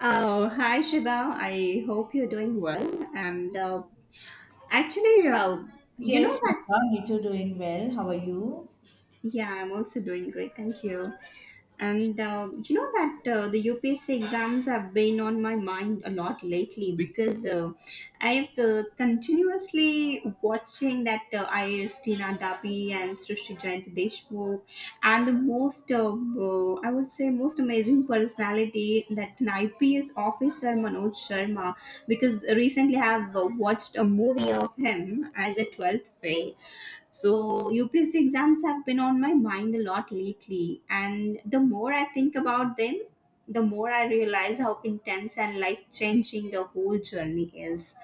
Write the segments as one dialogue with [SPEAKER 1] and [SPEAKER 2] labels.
[SPEAKER 1] Oh, hi Shiva. I hope you're doing well. And actually, you know
[SPEAKER 2] Yes,
[SPEAKER 1] that.
[SPEAKER 2] Megha, me too, doing well. How are you?
[SPEAKER 1] Yeah, I'm also doing great. Thank you. And you know that the UPSC exams have been on my mind a lot lately because I've continuously watching that IAS Tina Dabi and Srishti Jayanti Deshmukh, and the I would say, most amazing personality, that an IPS officer Manoj Sharma, because recently I have watched a movie of him as a 12th fail. So, UPSC exams have been on my mind a lot lately, and the more I think about them, the more I realize how intense and life changing the whole journey is.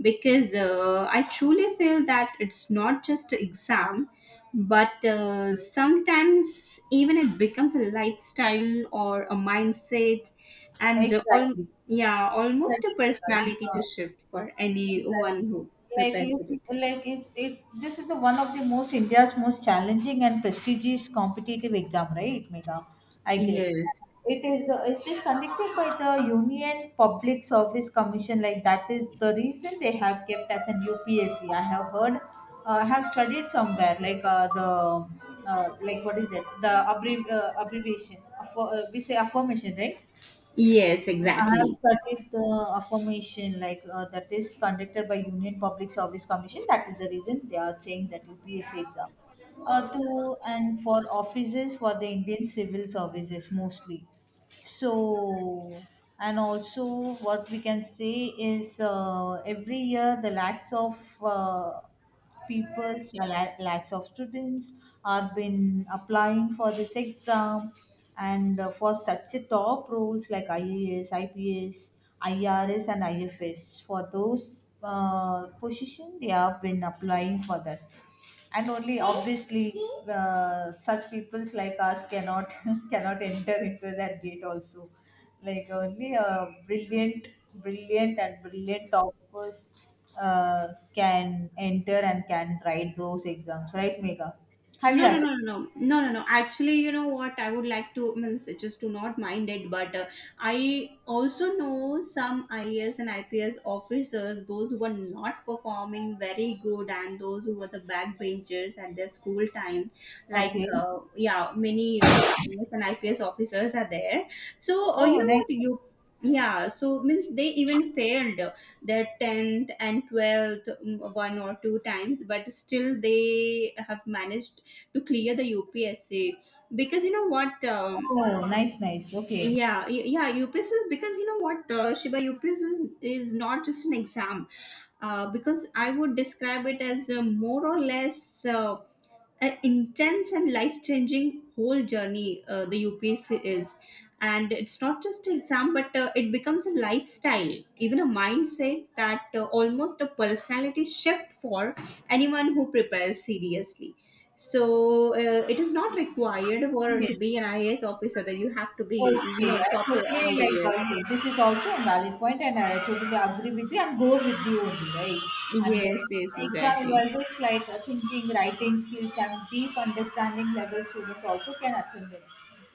[SPEAKER 1] Because I truly feel that it's not just an exam, but sometimes even it becomes a lifestyle or a mindset, and all
[SPEAKER 2] Exactly.
[SPEAKER 1] yeah, almost a
[SPEAKER 2] Exactly, Megha.
[SPEAKER 1] personality
[SPEAKER 2] Yeah.
[SPEAKER 1] to shift for anyone
[SPEAKER 2] Exactly.
[SPEAKER 1] who prepares for this.
[SPEAKER 2] Like it's, it This is the one of the most India's most challenging and prestigious competitive exam, right, Megha? I guess
[SPEAKER 1] Yes.
[SPEAKER 2] it is. It is conducted by the Union Public Service Commission. Like that is the reason they have kept as an UPSC. I have heard, I have studied somewhere the like what is it? The abbreviation. We say affirmation, right?
[SPEAKER 1] Yes,
[SPEAKER 2] I have
[SPEAKER 1] exactly.
[SPEAKER 2] studied the affirmation that is conducted by Union Public Service Commission. That is the reason they are saying that UPSC exam. To and for offices for the Indian civil services mostly. So and also what we can say is every year the lakhs of uh, lakhs of students have been applying for this exam and for such a top roles like IAS, IPS, IRS and IFS for those position they have been applying for that and only obviously such peoples like us cannot cannot enter into that gate also, like only a brilliant, brilliant and brilliant toppers uh, can enter and can write those exams, right, Mega? Have you
[SPEAKER 1] No, no, no,
[SPEAKER 2] attended?
[SPEAKER 1] no, no, no, no. No. Actually, you know what? I would like to, means just to not mind it, but I also know some IAS and IPS officers, those who were not performing very good, and those who were the backbenchers at their school time. Like,
[SPEAKER 2] Okay.
[SPEAKER 1] yeah, many IAS and IPS officers are there. So,
[SPEAKER 2] Oh,
[SPEAKER 1] you know
[SPEAKER 2] nice,
[SPEAKER 1] what? You
[SPEAKER 2] nice.
[SPEAKER 1] Yeah, so means they even failed their 10th and 12th, one or two times, but still they have managed to clear the UPSC, because you know what. um,
[SPEAKER 2] Oh, nice, nice, okay.
[SPEAKER 1] yeah y- yeah UPSC, because you know what, Shiba, UPSC is not just an exam, because I would describe it as a more or less, an intense and life changing whole journey, the UPSC is. And it's not just an exam, but it becomes a lifestyle, even a mindset, that almost a personality shift for anyone who prepares seriously. So it is not required for to
[SPEAKER 2] Yes.
[SPEAKER 1] be an IAS officer that you have to
[SPEAKER 2] Okay,
[SPEAKER 1] be, you know,
[SPEAKER 2] I
[SPEAKER 1] topper all
[SPEAKER 2] totally
[SPEAKER 1] the years.
[SPEAKER 2] this is also a valid point, and I totally agree with you and go with you only, right? And
[SPEAKER 1] Yes, yes,
[SPEAKER 2] exam
[SPEAKER 1] exactly.
[SPEAKER 2] evaluates thinking, writing skills, and deep understanding level students also can attain it.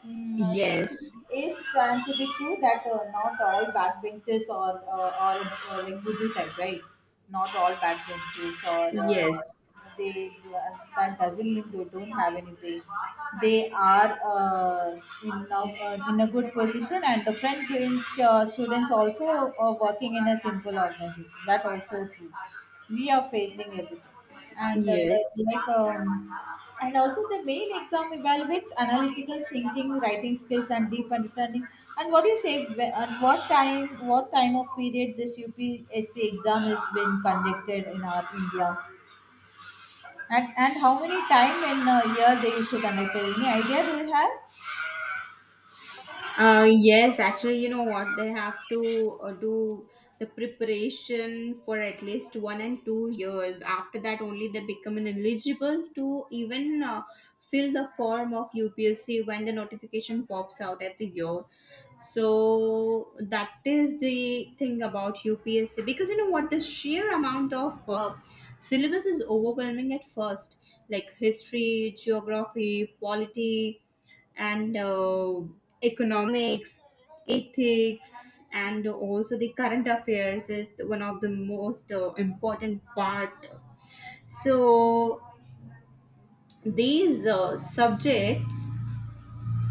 [SPEAKER 2] Mm, uh,
[SPEAKER 1] Yes,
[SPEAKER 2] it's trying to be true that not all backbenchers or like Buddha type, right? Not all backbenchers or
[SPEAKER 1] yes,
[SPEAKER 2] they, that doesn't mean they don't have any brain. They are in a good position, and the french students also are working in a simple organization, that also true. We are facing everything, and
[SPEAKER 1] yes.
[SPEAKER 2] like um, and also the main exam evaluates analytical thinking, writing skills and deep understanding. And what do you say, and what time, what time of period this upsc exam is being conducted in our india? And how many time in a year they used to conduct it? Any idea do you have?
[SPEAKER 1] Yes, actually, you know what? They have to do the preparation for at least one and two years. After that, only they become eligible to even fill the form of UPSC when the notification pops out every year. So that is the thing about UPSC, because you know what? The sheer amount of syllabus is overwhelming at first, like history, geography, polity, and economics, ethics, and also the current affairs is one of the most important part. So these subjects,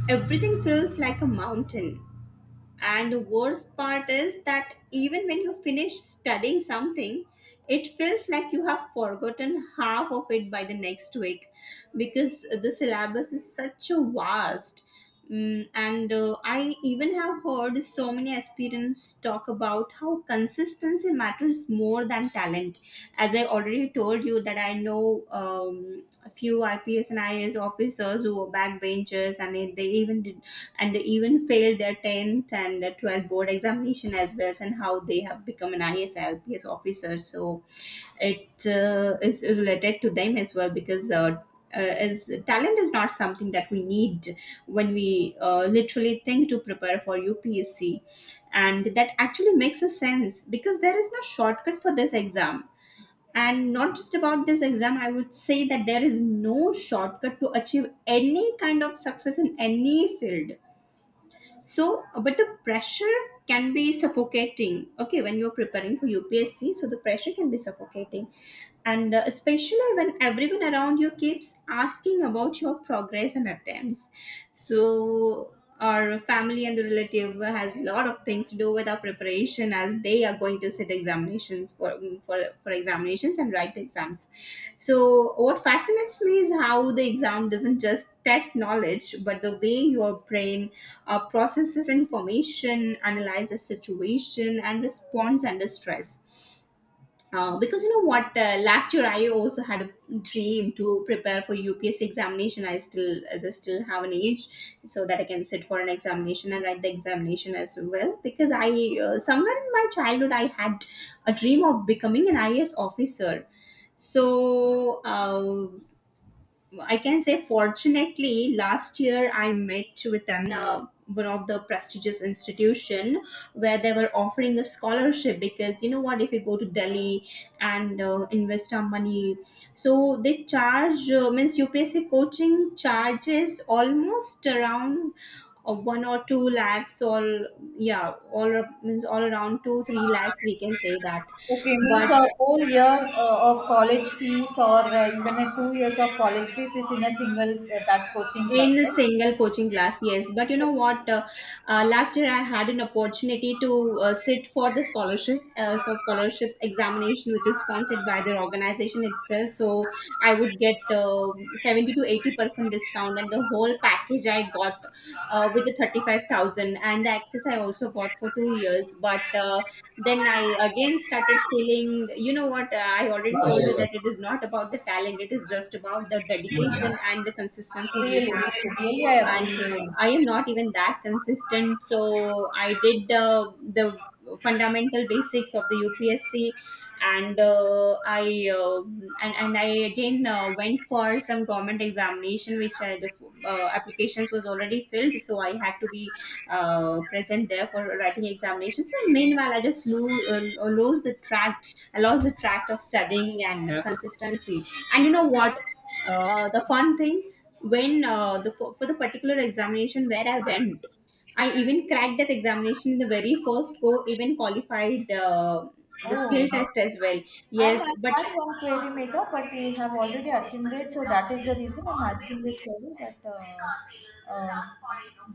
[SPEAKER 1] everything feels like a mountain, and the worst part is that even when you finish studying something, it feels like you have forgotten half of it by the next week, because the syllabus is such a vast. And I even have heard so many aspirants talk about how consistency matters more than talent. As I already told you, that I know a few IPS and IAS officers who were backbenchers, and they even did, and they even failed their 10th and their 12th board examination as well, and how they have become an IS officer. So it is related to them as well, because is talent is not something that we need when we literally think to prepare for UPSC, and that actually makes a sense, because there is no shortcut for this exam, and not just about this exam, I would say that there is no shortcut to achieve any kind of success in any field. So but the pressure can be suffocating, okay, when you're preparing for UPSC, so the pressure can be suffocating, and especially when everyone around you keeps asking about your progress and attempts. So our family and the relative has a lot of things to do with their preparation, as they are going to sit examinations for, for examinations and write exams. So what fascinates me is how the exam doesn't just test knowledge, but the way your brain processes information, analyzes situation, and responds under stress. Because you know what, last year I also had a dream to prepare for UPSC examination. As I still have an age, so that I can sit for an examination and write the examination as well. Because somewhere in my childhood, I had a dream of becoming an IAS officer. So I can say, fortunately, last year I met with an one of the prestigious institution where they were offering a scholarship, because you know what, if you go to Delhi and invest our money, so they charge means UPSC coaching charges almost around one or two lakhs all Yeah, means all around two three lakhs, we can say that.
[SPEAKER 2] Okay, means
[SPEAKER 1] But
[SPEAKER 2] a whole year of college fees or even a 2 years of college fees is in a single that coaching class,
[SPEAKER 1] in a
[SPEAKER 2] right?
[SPEAKER 1] single coaching class, yes. But you know what, last year I had an opportunity to sit for the scholarship, for scholarship examination, which is sponsored by their organization itself. So I would get 70 to 80% discount, and the whole package I got, with the 35,000, and the access I also got for 2 years. But then I again started feeling, you know what, I already told you that it is not about the talent, it is just about the dedication and the consistency we
[SPEAKER 2] Really,
[SPEAKER 1] have.
[SPEAKER 2] really, really, I
[SPEAKER 1] And
[SPEAKER 2] appreciate you.
[SPEAKER 1] I am not even that consistent, so I did the fundamental basics of the UPSC, and I again went for some government examination, which the applications was already filled, so I had to be present there for writing examination. So meanwhile I just lose the track. I lost the track of studying and consistency. And you know what? The fun thing, when for the particular examination where I went, I even cracked that examination in the very first go. Even qualified the
[SPEAKER 2] Oh,
[SPEAKER 1] skill
[SPEAKER 2] nice.
[SPEAKER 1] test as well.
[SPEAKER 2] And I
[SPEAKER 1] Yes, but
[SPEAKER 2] had one query maker, but we have already attended, so that is the reason I'm asking this query that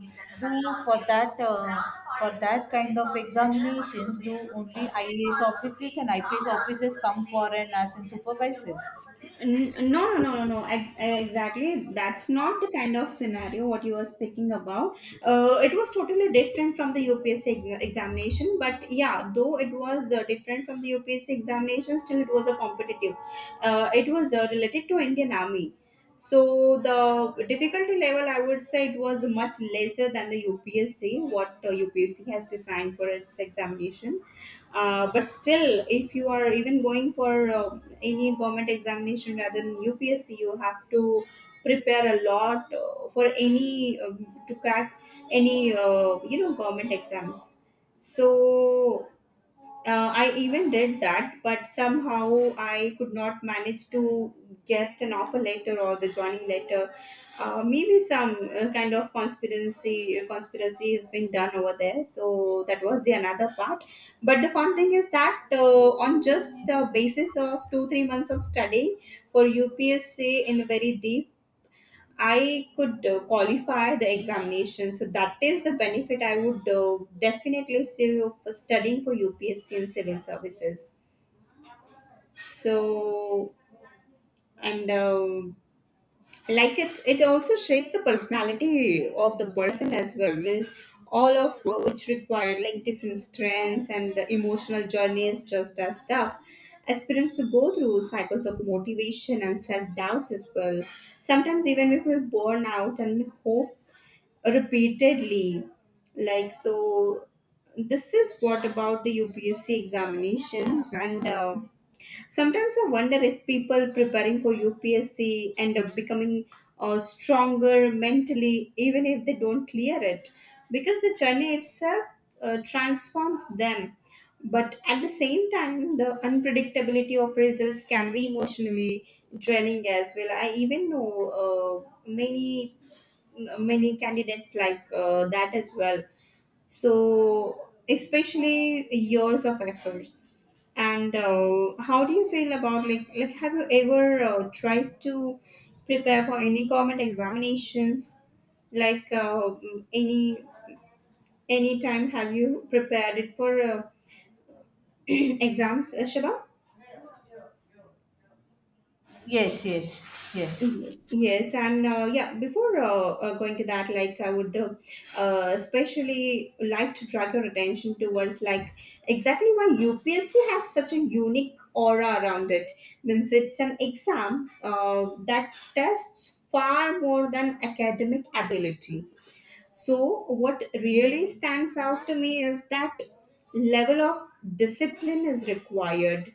[SPEAKER 2] do for that kind of examinations, do only IAS officers and IPS officers come for an as in supervisor?
[SPEAKER 1] no, no, no, no, no. Exactly. That's not the kind of scenario what you were speaking about. It was totally different from the UPSC examination. But yeah, though it was different from the UPSC examination, still it was a competitive. It was related to Indian Army. So the difficulty level, I would say, it was much lesser than the UPSC. What UPSC has designed for its examination. But still, if you are even going for any government examination rather than UPSC, you have to prepare a lot for any, to crack any you know, government exams. So I even did that, but somehow I could not manage to get an offer letter or the joining letter. Maybe some kind of conspiracy has been done over there. So that was the another part. But the fun thing is that, on just the basis of two three months of studying for UPSC in a very deep, I could qualify the examination. So that is the benefit I would definitely see for studying for UPSC and civil services. So, and like it also shapes the personality of the person as well. Means all of which require, like, different strengths, and the emotional journeys just as tough. Aspirants to go through cycles of motivation and self doubts as well. Sometimes even we feel burnout and hope repeatedly, like. So this is what about the UPSC examinations, and sometimes I wonder if people preparing for UPSC end up becoming stronger mentally, even if they don't clear it, because the journey itself transforms them. But at the same time, the unpredictability of results can be emotionally draining as well. I even know uh, many many candidates, like that as well. So, especially years of efforts. And how do you feel about, like have you ever tried to prepare for any government examinations? Like any any time have you prepared it for exams, Shiva?
[SPEAKER 2] Yes, yes, yes.
[SPEAKER 1] Yes, yes, and yeah. Before going to that, like I would especially like to drag your attention towards, like, exactly why UPSC has such a unique aura around it. Means it's an exam that tests far more than academic ability. So what really stands out to me is that level of discipline is required,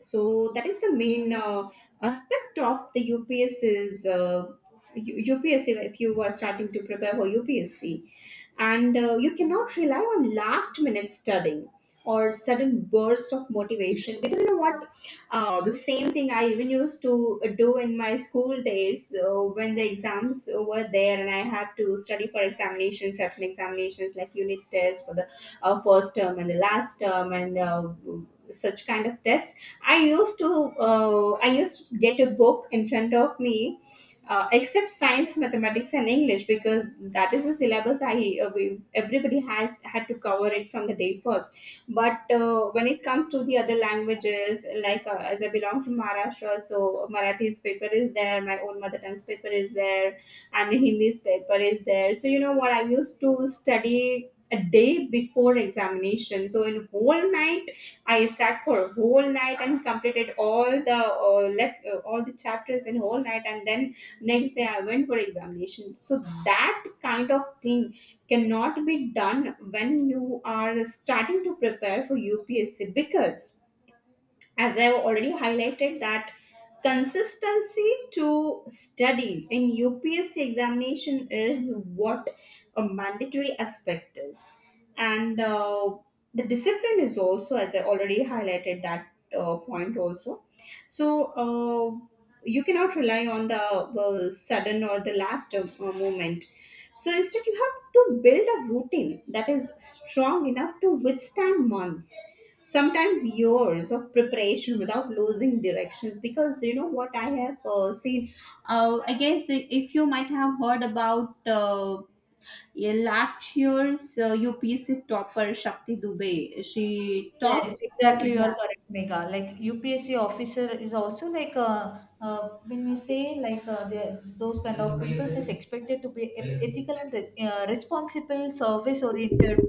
[SPEAKER 1] so that is the main aspect of the UPSC. If you are starting to prepare for UPSC, and you cannot rely on last minute studying or sudden bursts of motivation, because you know what, the same thing I even used to do in my school days when the exams were there and I had to study for examinations, certain examinations like unit tests for the first term and the last term, and such kind of tests. I used to I used to get a book in front of me, except science, mathematics, and English, because that is the syllabus everybody has had to cover it from the day first. But when it comes to the other languages, like as I belong from Maharashtra, so Marathi's paper is there, my own mother tongue's paper is there, and the Hindi's paper is there. So you know what, I used to study a day before examination. So in whole night, I sat for a whole night and completed all the left all the chapters in whole night, and then next day I went for examination. So that kind of thing cannot be done when you are starting to prepare for UPSC, because, as I have already highlighted, that consistency to study in UPSC examination is what a mandatory aspect is, and the discipline is also, as I already highlighted that point also. So you cannot rely on the sudden or the last moment. So instead you have to build a routine that is strong enough to withstand months, sometimes years of preparation without losing directions, because you know what, I have seen, I guess, if you might have heard about yeah, last year's UPSC topper Shakti Dubey, she
[SPEAKER 2] Yes,
[SPEAKER 1] topped.
[SPEAKER 2] exactly. You are
[SPEAKER 1] Yeah.
[SPEAKER 2] correct, Mega. Like UPSC officer is also like when we say like those kind of people is expected to be ethical and responsible, service oriented.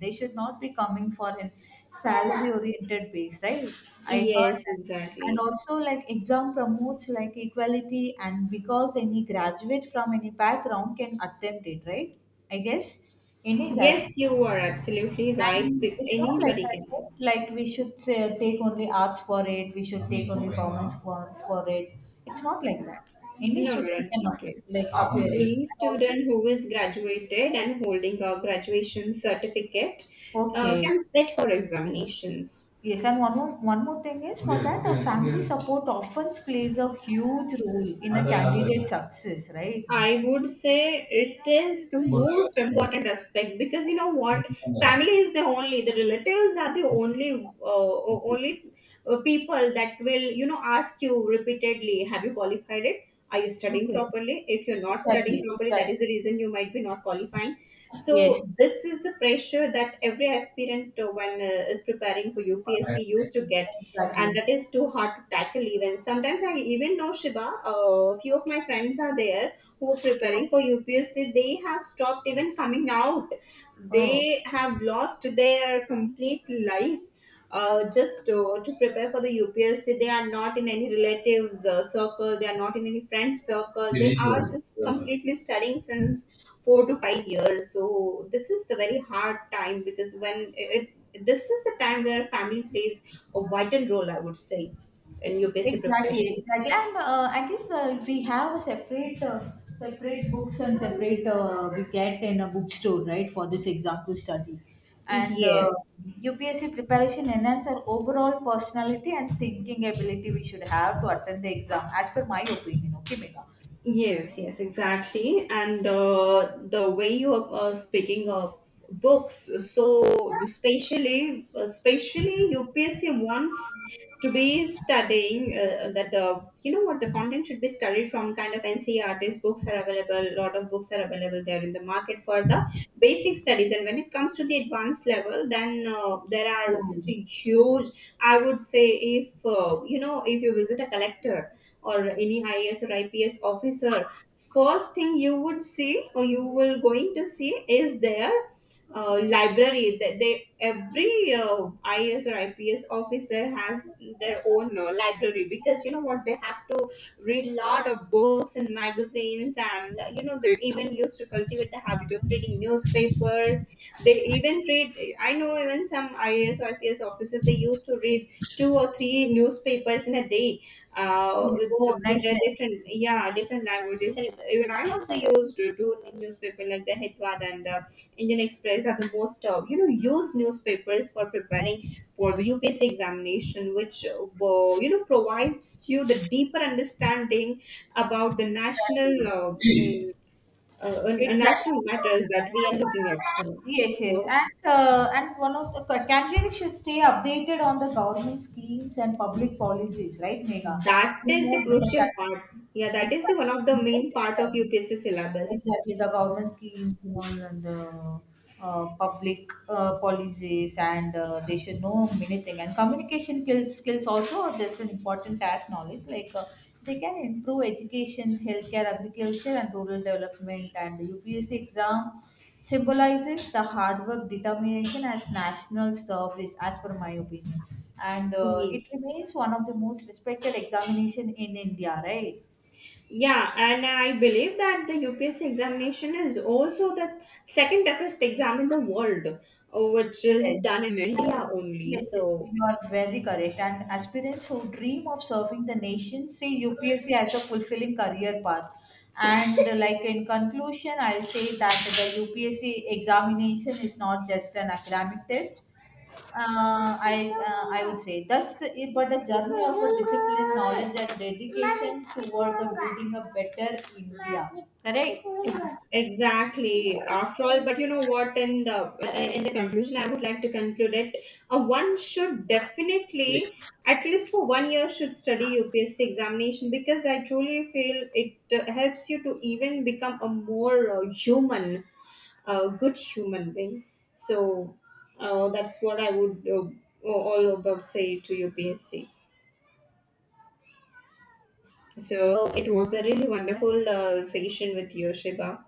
[SPEAKER 2] They should not be coming for an salary oriented base, right? I heard
[SPEAKER 1] Yes,
[SPEAKER 2] that. And
[SPEAKER 1] exactly.
[SPEAKER 2] also, like exam promotes like equality, and because any graduate from any background can attempt it, right? I guess any graduate.
[SPEAKER 1] Yes, you are absolutely right.
[SPEAKER 2] And it's not like
[SPEAKER 1] Anybody can
[SPEAKER 2] that, right?
[SPEAKER 1] sit.
[SPEAKER 2] Like we should say, take only arts for it. We should take only performance for it. It's not like that. Any
[SPEAKER 1] No, no,
[SPEAKER 2] student can
[SPEAKER 1] it's not it.
[SPEAKER 2] like appear it.
[SPEAKER 1] Any
[SPEAKER 2] And also,
[SPEAKER 1] student who is graduated and holding a graduation certificate
[SPEAKER 2] okay,
[SPEAKER 1] can sit for examinations.
[SPEAKER 2] yes. And one more thing is for that, a family support often plays a huge role in a candidate's success, right, Mega?
[SPEAKER 1] I would say it is the most important aspect, because you know what, family is the only the relatives are the only only people that will, you know, ask you repeatedly, have you qualified it, are you studying
[SPEAKER 2] Okay,
[SPEAKER 1] properly? If you're not studying
[SPEAKER 2] exactly,
[SPEAKER 1] properly, that
[SPEAKER 2] exactly.
[SPEAKER 1] is the reason you might be not qualifying.
[SPEAKER 2] Yes,
[SPEAKER 1] So this is the pressure that every aspirant, when is preparing for UPSC, used to get, and
[SPEAKER 2] exactly.
[SPEAKER 1] that is too hard to tackle. Even sometimes, I even know, Shiba, a few of my friends are there who
[SPEAKER 2] Okay.
[SPEAKER 1] preparing for UPSC, they have stopped even coming out.
[SPEAKER 2] Oh.
[SPEAKER 1] They have lost their complete life just to prepare for the UPSC. They are not in any relatives circle. They are not in any friends circle. They
[SPEAKER 2] Unique
[SPEAKER 1] are
[SPEAKER 2] ones.
[SPEAKER 1] just
[SPEAKER 2] Yeah.
[SPEAKER 1] completely studying since 4 to 5 years. So this is the very hard time, because this is the time where family plays a vital role, I would say, in UPSC
[SPEAKER 2] Exactly,
[SPEAKER 1] preparation.
[SPEAKER 2] exactly. And I guess we have a separate, separate books and separate we get in a bookstore, right, for this exam to study. And
[SPEAKER 1] Yes.
[SPEAKER 2] UPSC preparation enhance our overall personality and thinking ability we should have to attend the exam, as per my opinion. Okay, Mega.
[SPEAKER 1] Yes, yes, exactly. And the way you are speaking of books, so especially UPSC wants to be studying, that the you know what, the content should be studied from kind of NCERT's books are available. A lot of books are available there in the market for the basic studies, and when it comes to the advanced level, then there are
[SPEAKER 2] Oh,
[SPEAKER 1] such a huge. I would say, if you know, if you visit a collector or any IAS or IPS officer, first thing you would see, or you will going to see, is their library. That they, every IAS or IPS officer has their own library, because you know what, they have to read a lot of books and magazines, and you know, they even used to cultivate the habit of reading newspapers. They even read, I know, even some IAS or IPS officers, they used to read 2 or 3 newspapers in a day, uh,
[SPEAKER 2] yeah.
[SPEAKER 1] with,
[SPEAKER 2] Oh,
[SPEAKER 1] with
[SPEAKER 2] nice,
[SPEAKER 1] their
[SPEAKER 2] nice.
[SPEAKER 1] different, yeah, different languages. And even I also used to do newspaper, like the Hitwad and the Indian Express are the most you know, used newspapers for preparing for the UPSC examination, which you know, provides you the deeper understanding about the national
[SPEAKER 2] Exactly.
[SPEAKER 1] national
[SPEAKER 2] Exactly.
[SPEAKER 1] matters that we are looking up to.
[SPEAKER 2] Yes, yes,
[SPEAKER 1] So
[SPEAKER 2] and one of the candidates should stay updated on the government schemes and public policies, right, Megha?
[SPEAKER 1] that
[SPEAKER 2] You
[SPEAKER 1] is
[SPEAKER 2] know
[SPEAKER 1] the
[SPEAKER 2] better
[SPEAKER 1] crucial
[SPEAKER 2] than
[SPEAKER 1] part. Yeah, that is the
[SPEAKER 2] exactly.
[SPEAKER 1] one of the
[SPEAKER 2] You know
[SPEAKER 1] main
[SPEAKER 2] better
[SPEAKER 1] part of
[SPEAKER 2] than
[SPEAKER 1] UPSC syllabus.
[SPEAKER 2] exactly, the government schemes you know, and the public policies, and they should know many things. And communication skills also are just an important task knowledge. Like they can improve education, healthcare, agriculture, and rural development. And the UPSC exam symbolizes the hard work, determination as national service, as per my opinion. And
[SPEAKER 1] Yes.
[SPEAKER 2] it remains one of the most respected examination in India, right?
[SPEAKER 1] Yeah, and I believe that the UPSC examination is also the second toughest exam in the world, which is
[SPEAKER 2] Yes.
[SPEAKER 1] done in India only.
[SPEAKER 2] Yes, yes,
[SPEAKER 1] So
[SPEAKER 2] you are very correct. And aspirants who dream of serving the nation see UPSC as a fulfilling career path. And like in conclusion, I'll say that the UPSC examination is not just an academic test. I would say but a journey of a discipline, knowledge, and dedication toward the building a better India. Correct.
[SPEAKER 1] Exactly. After all, but you know what, in the in the conclusion, I would like to conclude it. One should definitely, at least for one year, should study UPSC examination, because I truly feel it helps you to even become a more human, good human being. So that's what I would all about say to UPSC. So it was a really wonderful session with you, Shiba.